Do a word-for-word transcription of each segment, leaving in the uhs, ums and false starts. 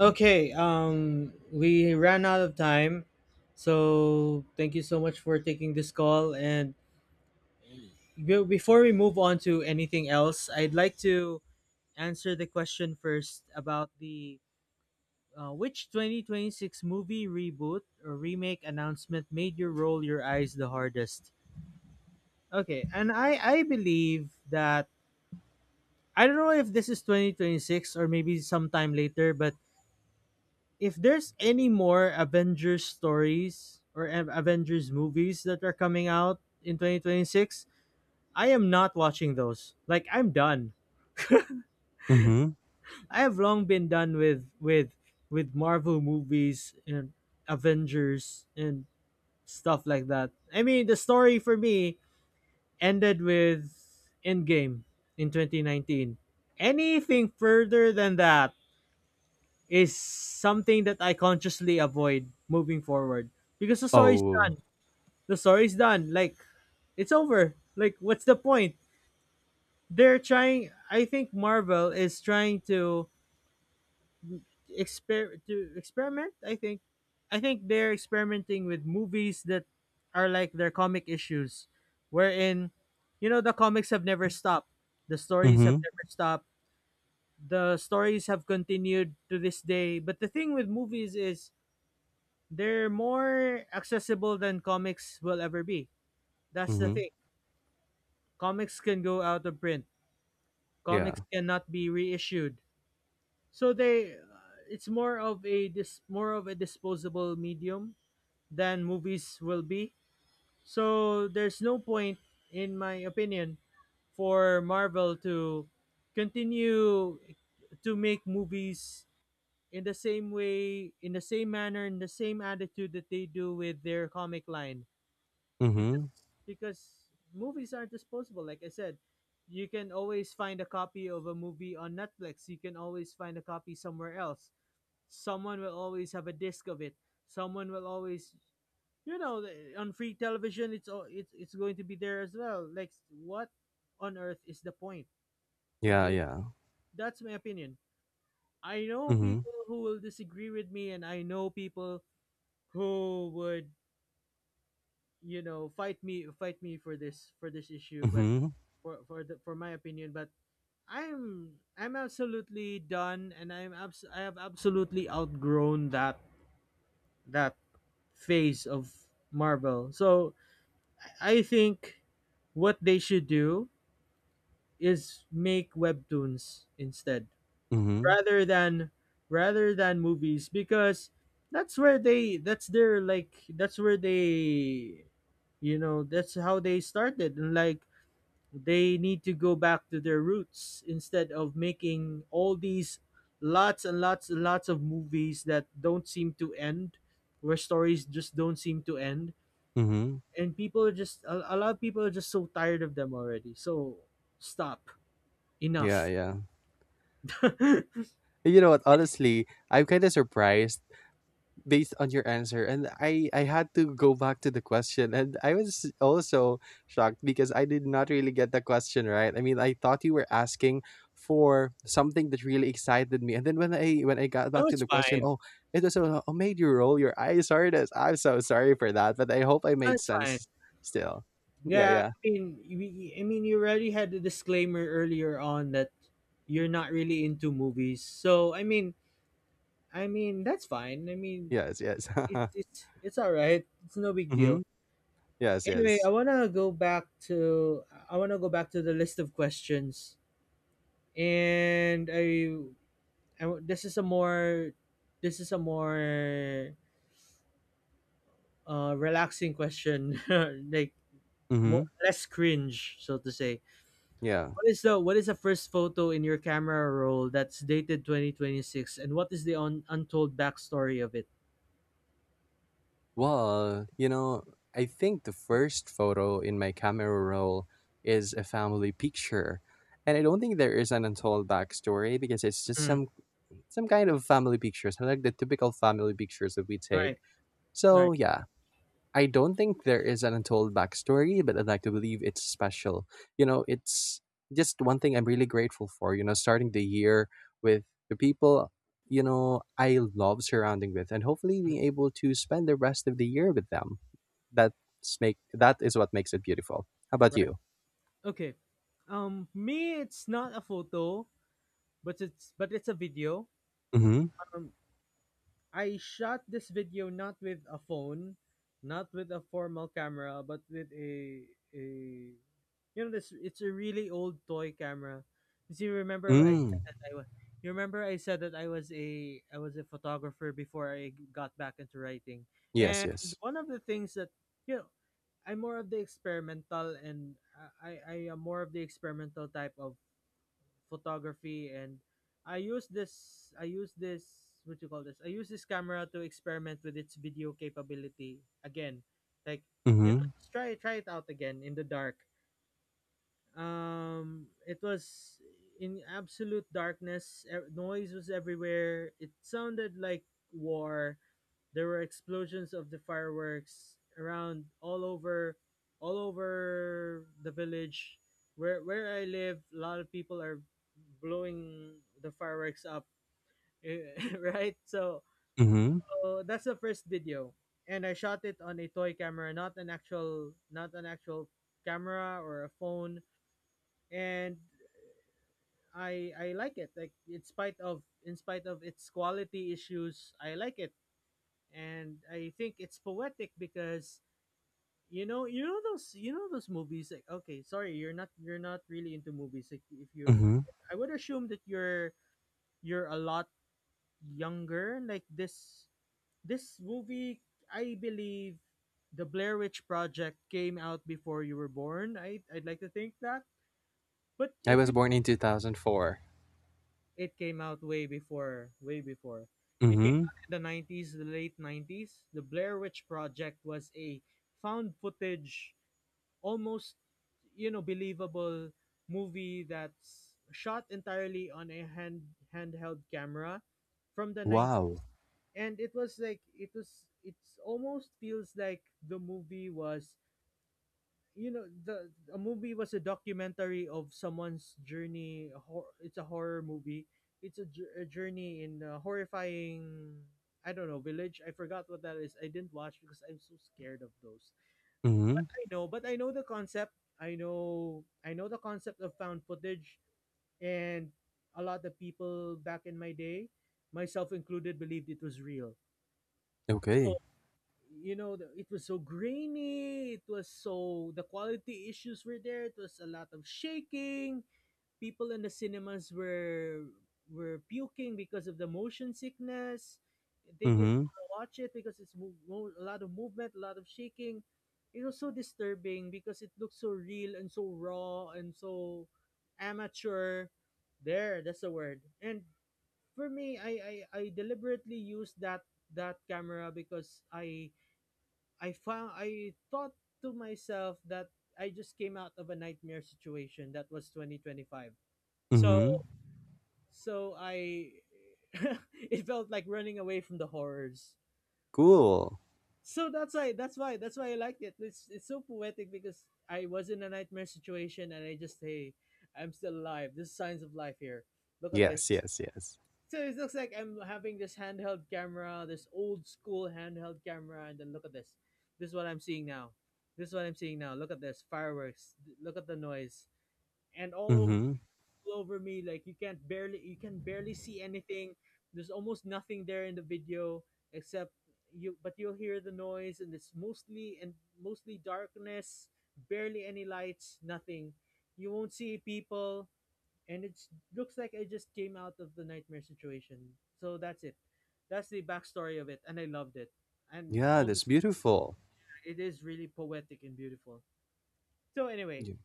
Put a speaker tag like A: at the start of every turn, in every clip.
A: Okay, um, we ran out of time, so thank you so much for taking this call. And be- before we move on to anything else, I'd like to answer the question first about the uh, which twenty twenty six movie reboot or remake announcement made you roll your eyes the hardest? Okay, and I I believe that I don't know if this is twenty twenty six or maybe sometime later, but if there's any more Avengers stories or Av- Avengers movies that are coming out in twenty twenty six, I am not watching those. Like I'm done.
B: Mhm.
A: I have long been done with with with Marvel movies and Avengers and stuff like that. I mean, the story for me ended with Endgame in twenty nineteen. Anything further than that is something that I consciously avoid moving forward because the story's
B: Oh.
A: done The story's done. Like it's over. Like what's the point? They're trying. I think Marvel is trying to exper to experiment. I think, I think they're experimenting with movies that are like their comic issues, wherein, you know, the comics have never stopped. The stories have
B: Mhm.
A: never stopped. The stories have continued to this day. But the thing with movies is they're more accessible than comics will ever be. That's the
B: Mhm.
A: thing. Comics can go out of print. Comics
B: Yeah.
A: cannot be reissued, so they uh, it's more of a dis- more of a disposable medium than movies will be. So there's no point, in my opinion, for Marvel to continue to make movies in the same way, in the same manner, in the same attitude that they do with their comic line because
B: Mhm.
A: because movies aren't disposable, like I said. You can always find a copy of a movie on Netflix, you can always find a copy somewhere else, someone will always have a disc of it, someone will always, you know, the- on free television it's al- it's it's going to be there as well. Like what on earth is the point of
B: Yeah,
A: doing,
B: yeah.
A: that's my opinion. I know
B: Mhm.
A: people who will disagree with me and I know people who would, you know, fight me fight me for this, for this issue, but
B: Mhm.
A: for for the, for my opinion. But i'm i'm absolutely done and i'm abs- I have absolutely outgrown that that phase of Marvel. So I think what they should do is make webtoons instead,
B: Mhm.
A: rather than rather than movies, because that's where they that's their like that's where they, you know, that's how they started. And like they need to go back to their roots instead of making all these lots and lots and lots of movies that don't seem to end, where stories just don't seem to end.
B: Mhm.
A: And people are just, a, a lot of people are just so tired of them already. So stop.
B: Yeah,
A: Enough.
B: yeah. You know what? Honestly, I'm kind of surprised based on your answer, and i i had to go back to the question, and I was also shocked because I did not really get the question right. I mean, I thought you were asking for something that really excited me, and then when i when i got
A: Oh,
B: back to
A: it's
B: the question,
A: fine.
B: oh, it was a, oh, made you roll your eyes hardest. I'm so sorry for that, but I hope I
A: Oh,
B: made
A: it's fine.
B: sense still. Yeah,
A: Yeah,
B: yeah.
A: I mean, we, I mean, you already had the disclaimer earlier on that you're not really into movies. So, I mean, I mean, that's fine. I mean,
B: Yes, yes.
A: it's it's it's all right. It's no big
B: Mm-hmm.
A: deal.
B: Yes,
A: Anyway, I
B: yes.
A: wanna go back to, I wanna go back to the list of questions, and I, I, this is a more this is a more uh relaxing question, like
B: Mm-hmm.
A: more less cringe, so to say.
B: Yeah.
A: What is the, what is the first photo in your camera roll that's dated twenty twenty six, and what is the un, untold backstory of it?
B: Well, you know, I think the first photo in my camera roll is a family picture. And I don't think there is an untold backstory because it's just
A: Mm,
B: some some kind of family pictures, like the typical family pictures that we take.
A: right, right,
B: So yeah, I don't think there is an untold backstory, but I'd like to believe it's special. You know, it's just one thing I'm really grateful for, you know, starting the year with the people, you know, I love surrounding with, and hopefully being able to spend the rest of the year with them. That's make that is what makes it beautiful. How about
A: right.
B: you?
A: Okay. Um me, it's not a photo, but it's but it's a video.
B: Mm-hmm.
A: Um I shot this video not with a phone, not with a formal camera, but with a a you know, this it's a really old toy camera. 'Cause you see, remember I said
B: Mm.
A: that I was you remember I said that I was a I was a photographer before I got back into writing.
B: Yes,
A: And
B: yes.
A: one of the things that, you know, I'm more of the experimental and I, I I am more of the experimental type of photography, and I use this I use this what you call this I use this camera to experiment with its video capability again. Like, you know,
B: Mm-hmm.
A: just try try it out again in the dark. Um it was in absolute darkness. E- noise was everywhere. It sounded like war. There were explosions of the fireworks around, all over all over the village where where I live. A lot of people are blowing the fireworks up, right? So,
B: Mm-hmm.
A: so that's the first video, and I shot it on a toy camera, not an actual, not an actual camera or a phone, and I I like it. Like in spite of in spite of its quality issues, I like it, and I think it's poetic because, you know, you know those, you know those movies. Like, okay, sorry, you're not, you're not really into movies. Like, if you're,
B: Mm-hmm.
A: I would assume that you're, you're a lot younger. Like this, this movie, I believe, the Blair Witch Project came out before you were born. I, I'd like to think that. But
B: I
A: if
B: was
A: you,
B: born in two thousand four.
A: it came out way before, way before. It came
B: Mm-hmm.
A: out in the nineties, the late nineties. The Blair Witch Project was a found footage, almost, you know, believable movie that's shot entirely on a hand handheld camera from the nineties,
B: Wow.
A: and it was like it was it's almost feels like the movie was, you know, the a movie was a documentary of someone's journey. A hor- it's a horror movie. It's a, jour- a journey in a horrifying, I don't know, village. I forgot what that is. I didn't watch because I'm so scared of those.
B: Mm-hmm.
A: I know, but I know the concept. I know I know the concept of found footage, and a lot of people back in my day, myself included, believed it was real. So,
B: Okay.
A: you know, the, it was so grainy. It was so the quality issues were there. It was a lot of shaking. People in the cinemas were were puking because of the motion sickness. They didn't
B: Mm-hmm.
A: wanna watch it because it's mo- mo- a lot of movement, a lot of shaking. It was so disturbing because it looked so real and so raw and so amateur. There, that's the word. And for me, I I, I deliberately used that that camera because I I found I thought to myself that I just came out of a nightmare situation that was twenty twenty five. So
B: Mm-hmm.
A: so I it felt like running away from the horrors.
B: Cool.
A: So that's why that's why that's why I liked it. It's it's so poetic because I was in a nightmare situation and I just, hey, I'm still alive. There's signs of life here. Look at this.
B: Yes, yes, yes.
A: So it looks like I'm having this handheld camera, this old school handheld camera, and then look at this. This is what I'm seeing now. This is what I'm seeing now. Look at this fireworks. Look at the noise, and all over,
B: Mm-hmm.
A: all over me. Like you can't barely you can barely see anything. There's almost nothing there in the video except, you, but you'll hear the noise, and it's mostly, and mostly darkness, barely any lights, nothing. You won't see people, and it looks like I just came out of the nightmare situation. So that's it. That's the backstory of it and I loved it. And
B: Yeah,
A: full
B: that's
A: dis-
B: beautiful.
A: it is really poetic and beautiful. So anyway,
B: Y-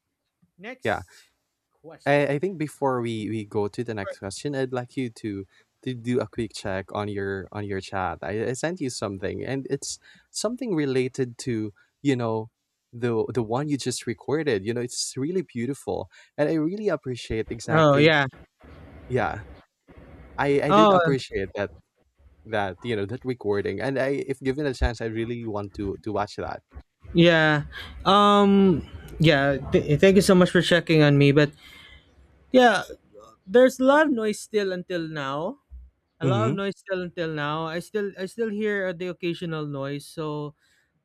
B: Yeah,
A: next question.
B: I, I think before we, we go to the next question, I'd like you to to do a quick check on your on your chat. I, I sent you something, and it's something related to, you know, the the one you just recorded. You know, it's really beautiful. And I really appreciate
A: Oh
B: exactly,
A: yeah.
B: yeah. I, I did
A: Oh
B: appreciate that that, you know, that recording. And I, if given a chance, I really want to to watch that.
A: yeah. Um yeah, th- thank you so much for checking on me, but yeah, there's a lot of noise still until now. A lot of
B: Mm-hmm.
A: noise still until now. I still I still hear the occasional noise, so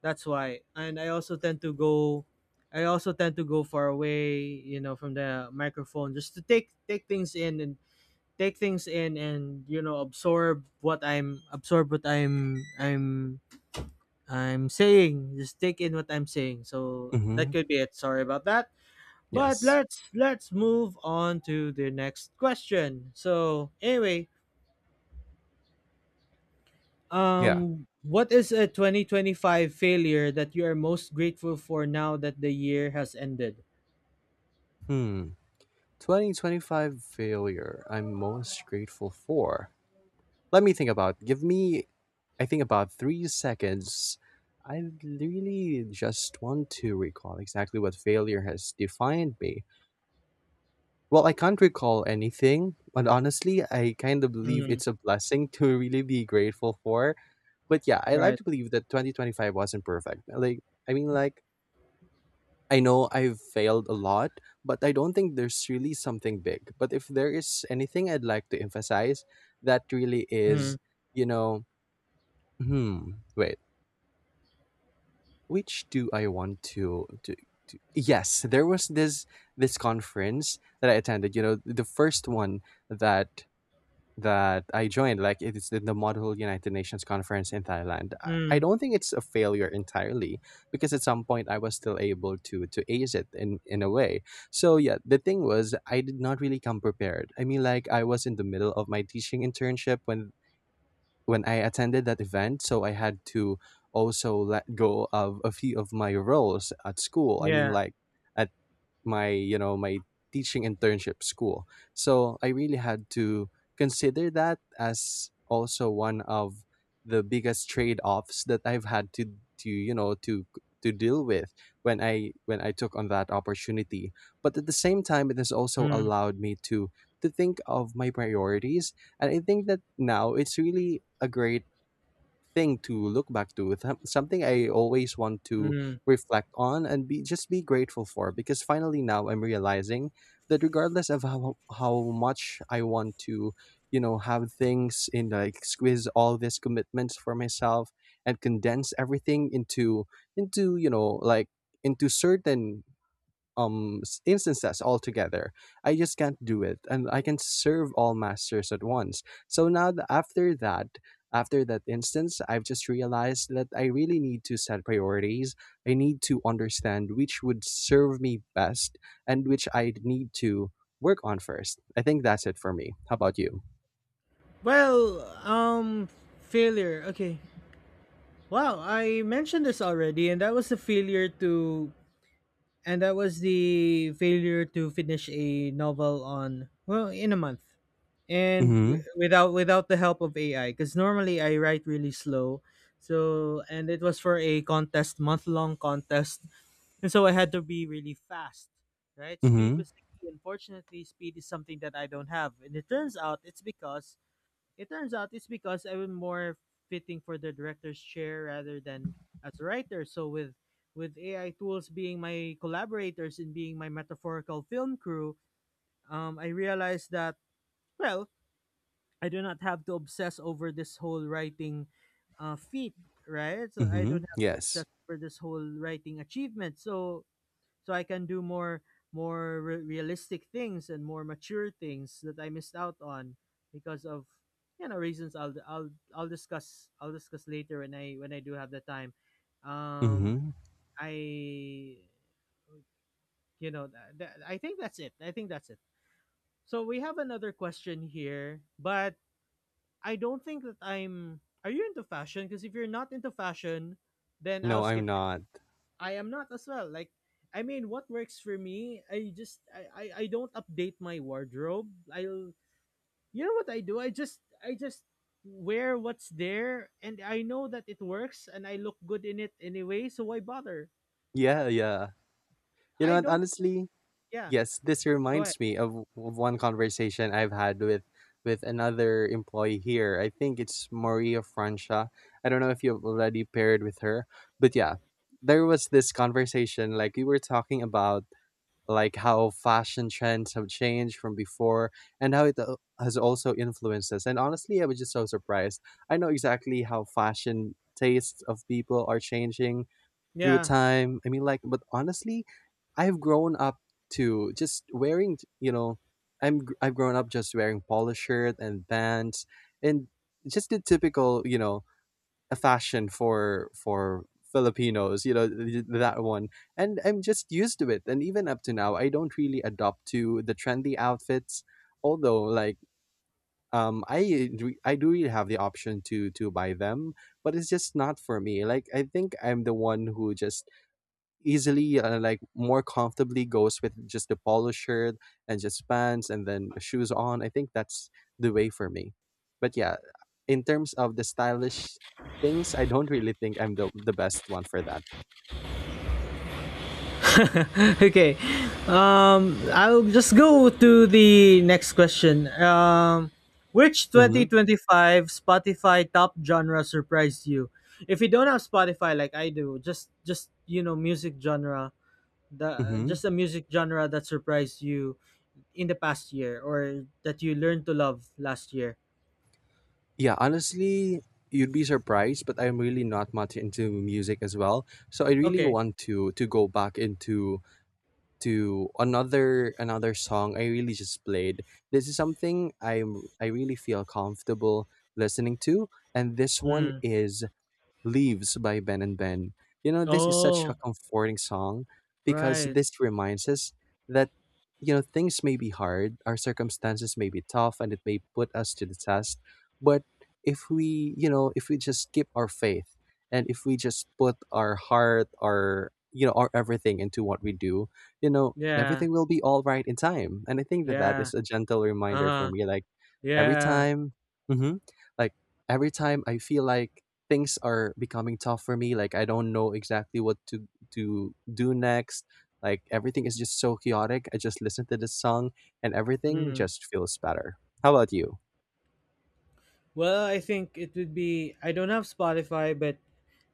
A: that's why. And I also tend to go, I also tend to go far away, you know, from the microphone just to take take things in, and take things in and you know, absorb what I'm absorb what I'm I'm I'm saying, just take in what I'm saying. So that
B: Mm-hmm.
A: could be it. Sorry about that. But
B: Yes.
A: let's let's move on to the next question. So anyway,
B: Yeah.
A: um, what is a twenty twenty five failure that you are most grateful for now that the year has ended?
B: Hmm. twenty twenty-five failure I'm most grateful for. Let me think about. Give me, I think, about three seconds. I really just want to recall exactly what failure has defined me. Well, I can't recall anything, but honestly, I kind of believe
A: Mm,
B: it's a blessing to really be grateful for. But yeah, I like
A: right.
B: to believe that twenty twenty-five wasn't perfect. Like, I mean, like, I know I've failed a lot, but I don't think there's really something big. But if there is anything I'd like to emphasize, that really
A: Mm,
B: is, you know, hmm, wait, which do I want to to, to yes, there was this this conference that I attended, you know, the first one that that I joined, like it's the, the Model United Nations conference in Thailand. I, I
A: mm,
B: don't think it's a failure entirely because at some point I was still able to to ace it in in a way. So yeah, the thing was I did not really come prepared. I mean, like I was in the middle of my teaching internship when when I attended that event, so I had to also let go of a few of my roles at school. I mean,
A: yeah.
B: like. At my, you know, my teaching internship school, so I really had to consider that as also one of the biggest trade-offs that I've had to to you know, to to deal with when i when i took on that opportunity. But at the same time, it has also
A: Mm,
B: allowed me to to think of my priorities, and I think that now it's really a great thing to look back to. It's som- Something I always want to
A: mm.
B: reflect on and be just be grateful for because finally now I'm realizing that regardless of how how much I want to, you know, have things in like squeeze all these commitments for myself and condense everything into into, you know, like into certain um s- instances altogether. I just can't do it, and I can serve all masters at once. So now th- after that, after that instance, I've just realized that I really need to set priorities. I need to understand which would serve me best and which I need to work on first. I think that's it for me. How about you?
A: Well, um, failure. Okay. Wow, I mentioned this already, and that was a failure to, and that was the failure to finish a novel on, well, in a month, and w-
B: Mm-hmm.
A: without without the help of A I, because normally I write really slow. So, and it was for a contest, month long contest, and so I had to be really fast, right? Speed
B: Mm-hmm.
A: was the key. Unfortunately, speed is something that I don't have, and it turns out it's because, it turns out it's because I was more fitting for the director's chair rather than as a writer. So with with A I tools being my collaborators and being my metaphorical film crew, um, I realized that well, I do not have to obsess over this whole writing uh, feat, right? So I
B: Mm-hmm.
A: don't have to obsess
B: Yes.
A: over this whole writing achievement. So so I can do more more re- realistic things and more mature things that I missed out on because of you know reasons I'll I'll I'll discuss I'll discuss later when I when I do have the time. Um,
B: Mm-hmm.
A: I you know th- th- I think that's it. I think that's it. So we have another question here, but I don't think that I'm. Are you into fashion? Because if you're not into fashion, then I'll
B: No, I'm
A: skip.
B: not.
A: I am not as well. Like, I mean, what works for me? I just I I, I don't update my wardrobe. I'll you know what I do? I just I just wear what's there, and I know that it works, and I look good in it anyway. So why bother?
B: Yeah, yeah. You know
A: I
B: what?
A: don't.
B: Honestly,
A: Yeah,
B: yes, this
A: go ahead.
B: reminds me of, w- of one conversation I've had with with another employee here. I think it's Maria Francia. I don't know if you've already paired with her, but yeah, there was this conversation like we were talking about like how fashion trends have changed from before and how it uh, has also influenced us. And honestly, I was just so surprised. I know exactly how fashion tastes of people are changing through
A: Yeah.
B: time. I mean, like, but honestly, I've grown up to just wearing, you know, I'm gr- I've grown up just wearing polo shirt and pants and just the typical, you know, a fashion for for Filipinos, you know, th- that one. And I'm just used to it. And even up to now, I don't really adopt to the trendy outfits, although like um I re- I do really have the option to to buy them, but it's just not for me. Like I think I'm the one who just easily uh, like more comfortably goes with just a polo shirt and just pants and then shoes on. I think that's the way for me. But yeah, in terms of the stylish things, I don't really think I'm the, the best one for that.
A: Okay, um I'll just go to the next question. Um which
B: Mm-hmm.
A: twenty twenty-five Spotify top genre surprised you? If you don't have Spotify like I do, just just you know music genre, the
B: Mm-hmm.
A: just a music genre that surprised you in the past year, or that you learned to love last year.
B: Yeah, honestly, you'd be surprised, but I'm really not much into music as well, so I really
A: Okay.
B: want to to go back into to another another song I really just played. This is something I'm I really feel comfortable listening to, and this one
A: Mm.
B: is Leaves by Ben and Ben. You know, this is such a
A: Oh,
B: comforting song because
A: right.
B: this reminds us that, you know, things may be hard, our circumstances may be tough, and it may put us to the test. But if we, you know, if we just keep our faith and if we just put our heart, our, you know, our everything into what we do, you know,
A: Yeah,
B: everything will be all right in time. And I think that that
A: yeah,
B: is a gentle reminder for
A: uh-huh,
B: me. Like every
A: yeah.
B: time, hmm, like, every time I feel like things are becoming tough for me. Like I don't know exactly what to to do next. Like everything is just so chaotic. I just listen to this song and everything
A: mm.
B: just feels better. How about you?
A: Well, I think it would be I don't have Spotify, but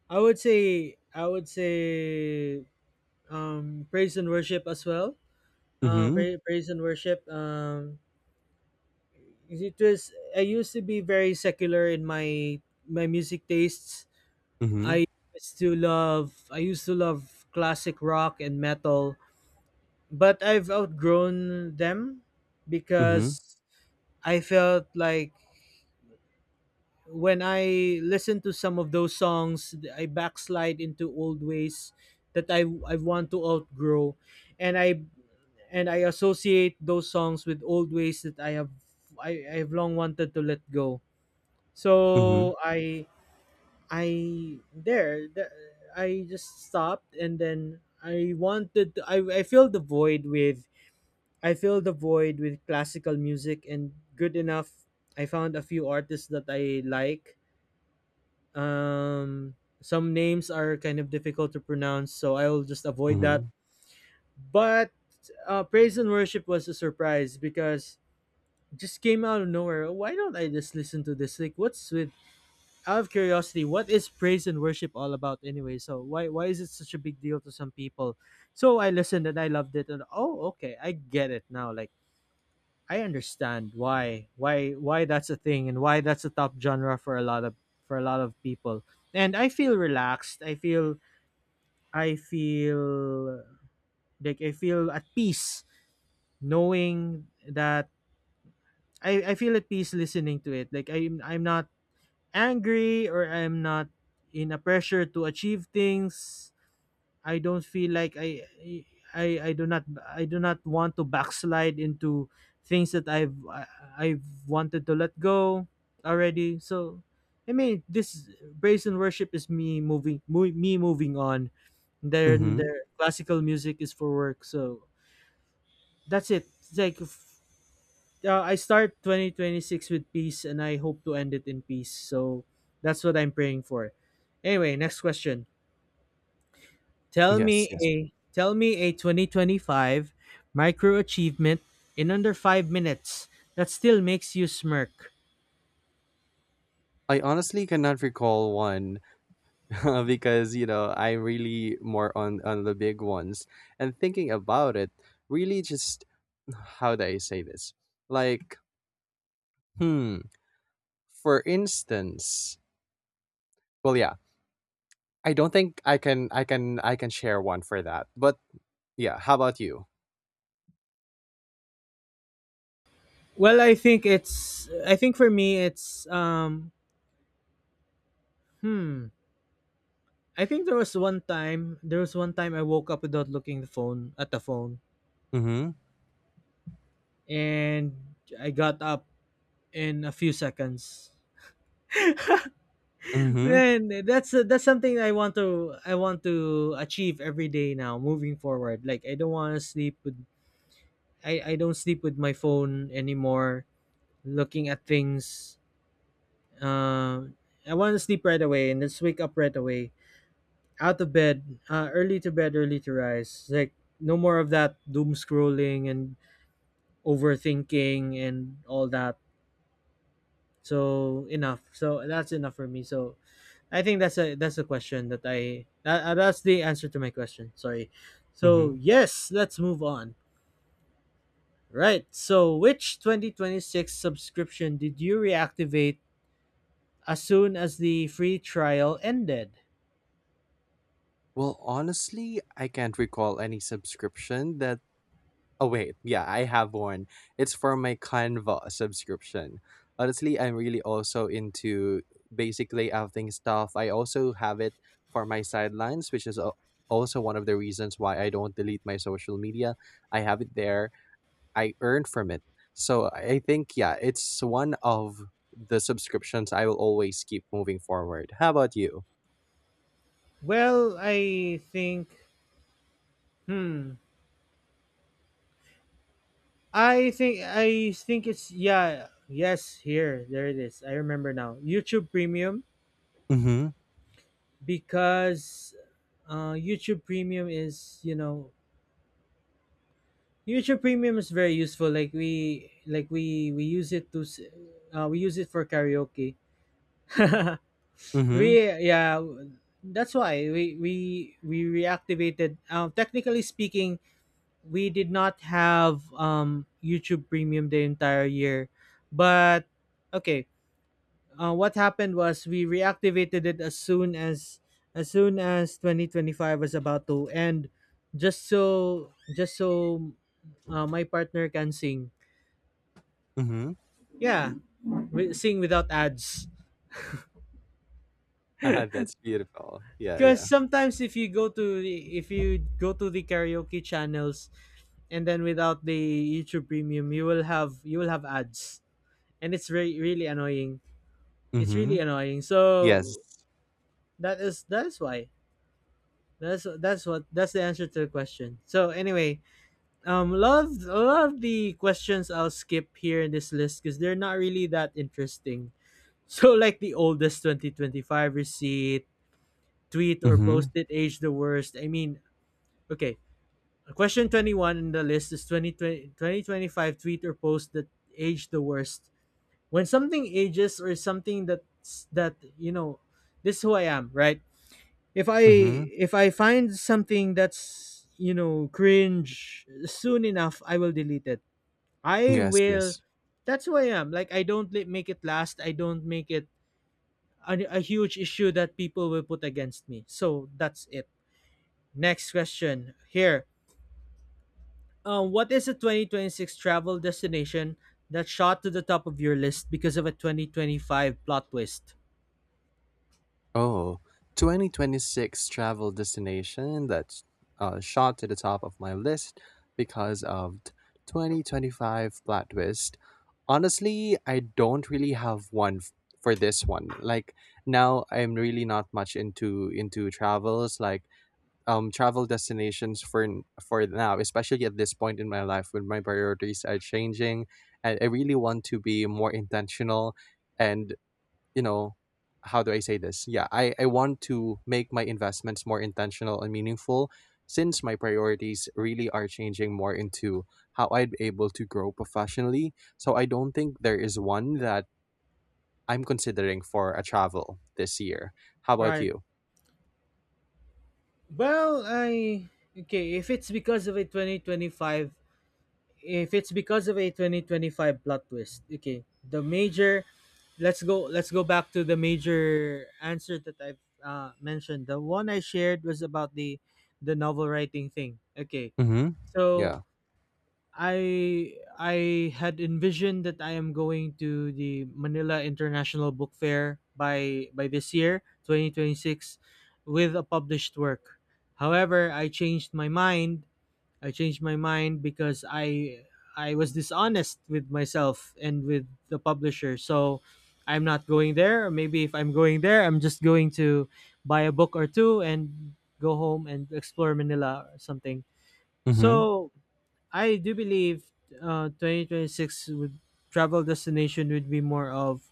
A: I would say I would say um praise and worship as well. Uh,
B: Mm-hmm.
A: pra- praise and worship. Um it was I used to be very secular in my my music tastes.
B: Mm-hmm.
A: I used to love I used to love classic rock and metal, but I've outgrown them
B: Mm-hmm.
A: because I felt like when I listen to some of those songs, I backslide into old ways that I I want to outgrow, and I and I associate those songs with old ways that I have I, I have long wanted to let go.
B: Mm-hmm.
A: So I I there the, I just stopped, and then I wanted to, I I filled the void with I filled the void with classical music. And good enough, I found a few artists that I like. um some names are kind of difficult to pronounce, so I'll just avoid that.
B: Mm-hmm.
A: But uh praise and worship was a surprise because it just came out of nowhere. Why don't I just listen to this? Like what's with— out of curiosity, what is praise and worship all about anyway? So why why is it such a big deal to some people? So I listened, and I loved it, and oh, okay, I get it now. Like I understand why why why that's a thing and why that's a top genre for a lot of for a lot of people. And I feel relaxed. I feel I feel like I feel at peace knowing that I, I feel at peace listening to it. Like I'm I'm not angry, or I'm not in a pressure to achieve things. I don't feel like I I I do not I do not want to backslide into things that I've I, I've wanted to let go already. So I mean, this praise and worship is me moving mo- me moving on. Then
B: Mm-hmm.
A: their classical music is for work. So that's it. It's like f- uh, I start twenty twenty-six with peace, and I hope to end it in peace. So that's what I'm praying for. Anyway, next question. Tell
B: Yes,
A: me
B: yes.
A: a tell me a twenty twenty-five micro achievement in under five minutes that still makes you smirk.
B: I honestly cannot recall one because you know I really more on on the big ones, and thinking about it really just how do I say this, like, hmm, for instance, well yeah, I don't think I can I can I can share one for that. But yeah, how about you?
A: Well, I think it's I think for me it's um hmm I think there was one time there was one time I woke up without looking the phone at the phone,
B: Mm-hmm.
A: and I got up in a few seconds.
B: Mm-hmm.
A: Man, that's that's something I want to I want to achieve every day now moving forward. Like I don't want to sleep with— I, I don't sleep with my phone anymore, looking at things. Uh, I want to sleep right away and just wake up right away. Out of bed, uh, early to bed, early to rise. Like, no more of that doom scrolling and overthinking and all that. So enough. So that's enough for me. So I think that's a that's a question that I that, uh, that's the answer to my question. Sorry. So
B: Mm-hmm.
A: yes, let's move on. Right. So which twenty twenty-six subscription did you reactivate as soon as the free trial ended?
B: Well, honestly, I can't recall any subscription that oh wait, yeah, I have one. It's for my Canva subscription. Honestly, I'm really also into basic layouting stuff. I also have it for my sidelines, which is al- also one of the reasons why I don't delete my social media. I have it there. I earn from it. So I think yeah, it's one of the subscriptions I will always keep moving forward. How about you?
A: Well, I think, hmm I think I think it's— yeah, yes, here. There it is. I remember now. YouTube Premium,
B: Mm-hmm.
A: because uh YouTube Premium is, you know, YouTube Premium is very useful. Like we like we we use it to s- uh, we use it for karaoke.
B: Mm-hmm.
A: we yeah, that's why we we we reactivated. Um technically speaking, we did not have um, YouTube Premium the entire year, but okay. Uh, what happened was we reactivated it as soon as as soon as twenty twenty-five was about to end, just so just so uh, my partner can sing.
B: Mm-hmm.
A: Yeah, wi- sing without ads.
B: That's beautiful. Yeah,
A: Because
B: yeah.
A: sometimes if you go to the— if you go to the karaoke channels and then without the YouTube Premium, you will have— you will have ads, and it's very— really annoying. It's
B: Mm-hmm.
A: really annoying. So
B: Yes.
A: that is that is why. That's that's what that's the answer to the question. So anyway, um, love— a lot of the questions I'll skip here in this list because they're not really that interesting. So like the oldest twenty twenty-five receipt, tweet, or
B: Mm-hmm.
A: post it age the worst. I mean, okay, question twenty-one in the list is twenty twenty twenty twenty five tweet or post that age the worst. When something ages, or something that's— that, you know, this is who I am, right? If I—
B: Mhm.
A: if I find something that's, you know, cringe soon enough, I will delete it. I
B: Yes,
A: will.
B: yes.
A: That's who I am. Like I don't li- make it last. I don't make it a, a huge issue that people will put against me. So that's it. Next question here. Um, what is a twenty twenty-six travel destination that shot to the top of your list because of a twenty twenty-five plot twist?
B: Oh, twenty twenty six travel destination that's uh, shot to the top of my list because of t- twenty twenty-five plot twist. Honestly, I don't really have one f- for this one. Like now I'm really not much into into travels, like um travel destinations for n- for now, especially at this point in my life when my priorities are changing and I really want to be more intentional and, you know, how do I say this? Yeah, I, I want to make my investments more intentional and meaningful since my priorities really are changing more into how I'd be able to grow professionally. So I don't think there is one that I'm considering for a travel this year. How about
A: Right.
B: you?
A: Well, I— okay. If it's because of a twenty twenty-five— if it's because of a twenty twenty-five plot twist, okay, the major— let's go— let's go back to the major answer that I've uh, mentioned. The one I shared was about the— the novel writing thing. Okay,
B: Mm-hmm.
A: so
B: Yeah.
A: i i had envisioned that I am going to the Manila International Book Fair by by this year, twenty twenty-six, with a published work. However, I changed my mind. I changed my mind because I I was dishonest with myself and with the publisher. So I'm not going there. Or maybe if I'm going there, I'm just going to buy a book or two and go home and explore Manila or something.
B: Mm-hmm.
A: So I do believe uh, twenty twenty-six would— travel destination would be more of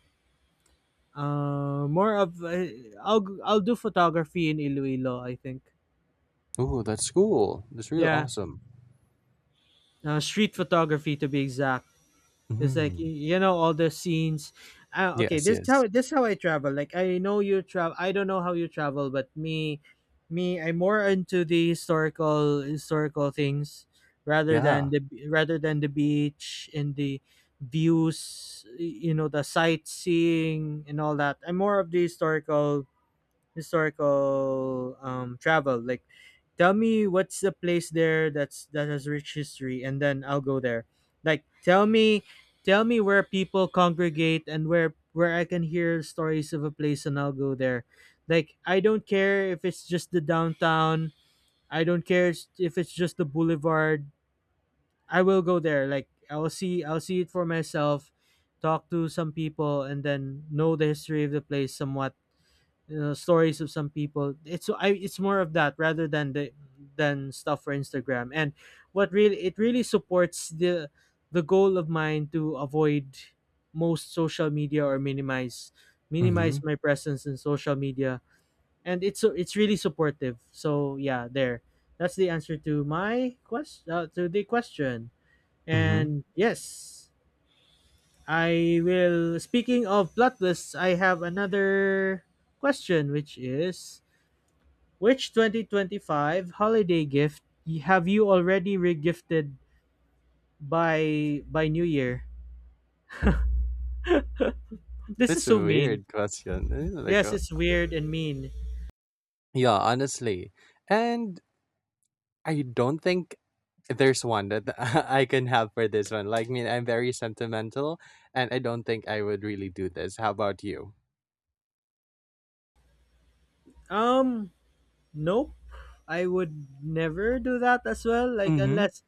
A: uh more of uh, I'll— I'll do photography in Iloilo. I think—
B: Oh, that's cool. That's really
A: yeah,
B: awesome.
A: uh, street photography, to be exact. It's like
B: Mm-hmm.
A: y- you know, all the scenes. Uh, okay,
B: Yes,
A: this is
B: yes.
A: how this is how I travel. Like, I know you travel. I don't know how you travel, but me— me, I'm more into the historical— historical things rather than
B: Yeah.
A: the— rather than the beach and the views. y- You know, the sightseeing and all that. I'm more of the historical— historical um travel. Like, tell me what's the place there that's— that has rich history, and then I'll go there. Like, tell me, tell me where people congregate, and where— where I can hear stories of a place, and I'll go there. Like, I don't care if it's just the downtown. I don't care if it's just the boulevard. I will go there. Like, I'll see, I'll see it for myself, talk to some people, and then know the history of the place, somewhat— you— stories of some people. It's— I— it's more of that rather than the— than stuff for Instagram. And what really— it really supports the— the goal of mine to avoid most social media or minimize— minimize
B: Mm-hmm.
A: my presence in social media. And it's it's really supportive. So yeah, there. That's the answer to my question, uh, to the question.
B: Mm-hmm.
A: And yes, I will. Speaking of plot lists, I have another question, which is, which twenty twenty-five holiday gift have you already regifted by by New Year? This is
B: That's a
A: so mean.
B: weird question. Eh, like,
A: Yes,
B: uh,
A: it's weird and mean.
B: yeah, honestly. And I don't think there's one that I can have for this one. Like, I mean, I'm very sentimental, and I don't think I would really do this. How about you?
A: Um, nope. I would never do that as well. Like,
B: Mm-hmm.
A: unless—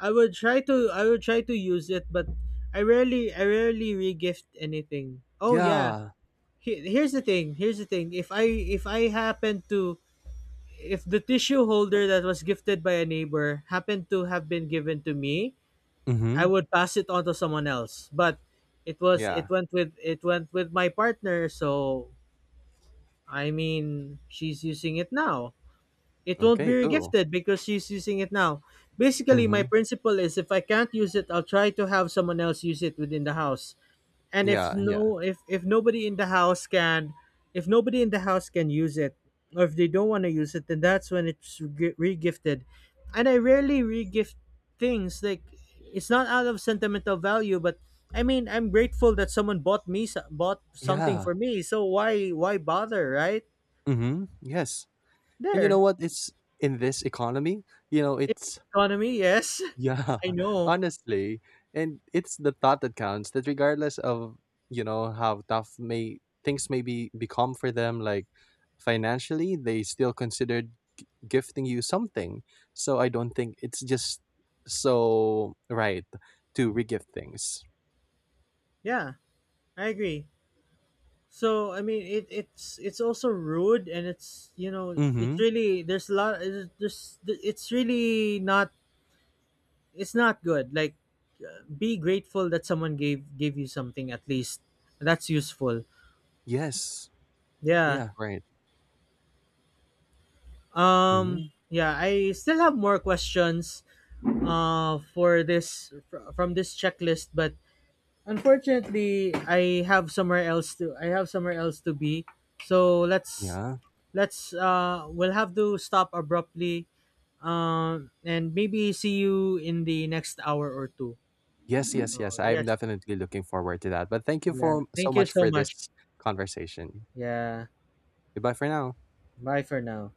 A: I would try to— I would try to use it, but I rarely I rarely regift anything. Oh yeah.
B: Yeah.
A: He- Here's the thing. Here's the thing. If I— if I happen to— if the tissue holder that was gifted by a neighbor happened to have been given to me, I
B: Mm-hmm.
A: would pass it on to someone else. But it was— it
B: Yeah.
A: went with it went with my partner, so I mean, she's using it now. It won't be
B: Okay, cool.
A: regifted because she's using it now. Basically my
B: Mm-hmm.
A: principle is, if I can't use it, I'll try to have someone else use it within the house, and if
B: Yeah, yeah.
A: no— if— if nobody in the house can— if nobody in the house can use it, or if they don't want to use it, then that's when it's re- regifted. And I rarely regift things. Like, it's not out of sentimental value, but I mean, I'm grateful that someone bought me so- bought something
B: Yeah.
A: for me, so why— why bother, right?
B: Mm-hmm. Yes. And you know
A: There—
B: what? It's in this economy, you know,
A: it's—
B: it's
A: economy, yes.
B: yeah,
A: I know.
B: honestly, and it's the thought that counts, that regardless of, you know, how tough may things may be become for them, like financially, they still considered gifting you something. So I don't think it's just so right to regift things.
A: Yeah, I agree. So I mean, it it's it's also rude, and it's, you know, it's
B: Mm-hmm.
A: really— there's a lot. There's there's- it's really not— it's not good. Like, uh, be grateful that someone gave gave you something at least. That's useful.
B: Yes.
A: Yeah.
B: Yeah, right.
A: Um.
B: Mm-hmm.
A: Yeah. I still have more questions. Uh. For this fr- from this checklist, but unfortunately, I have somewhere else to I have somewhere else to be. So let's
B: Yeah.
A: let's uh we'll have to stop abruptly. Um, and maybe see you in the next hour or two.
B: Yes, yes, yes.
A: Oh
B: I'm
A: yes.
B: definitely looking forward to that. But thank you
A: Yeah.
B: for so
A: Thank you
B: much
A: so
B: for
A: much.
B: this conversation.
A: Yeah.
B: Goodbye for now.
A: Bye for now.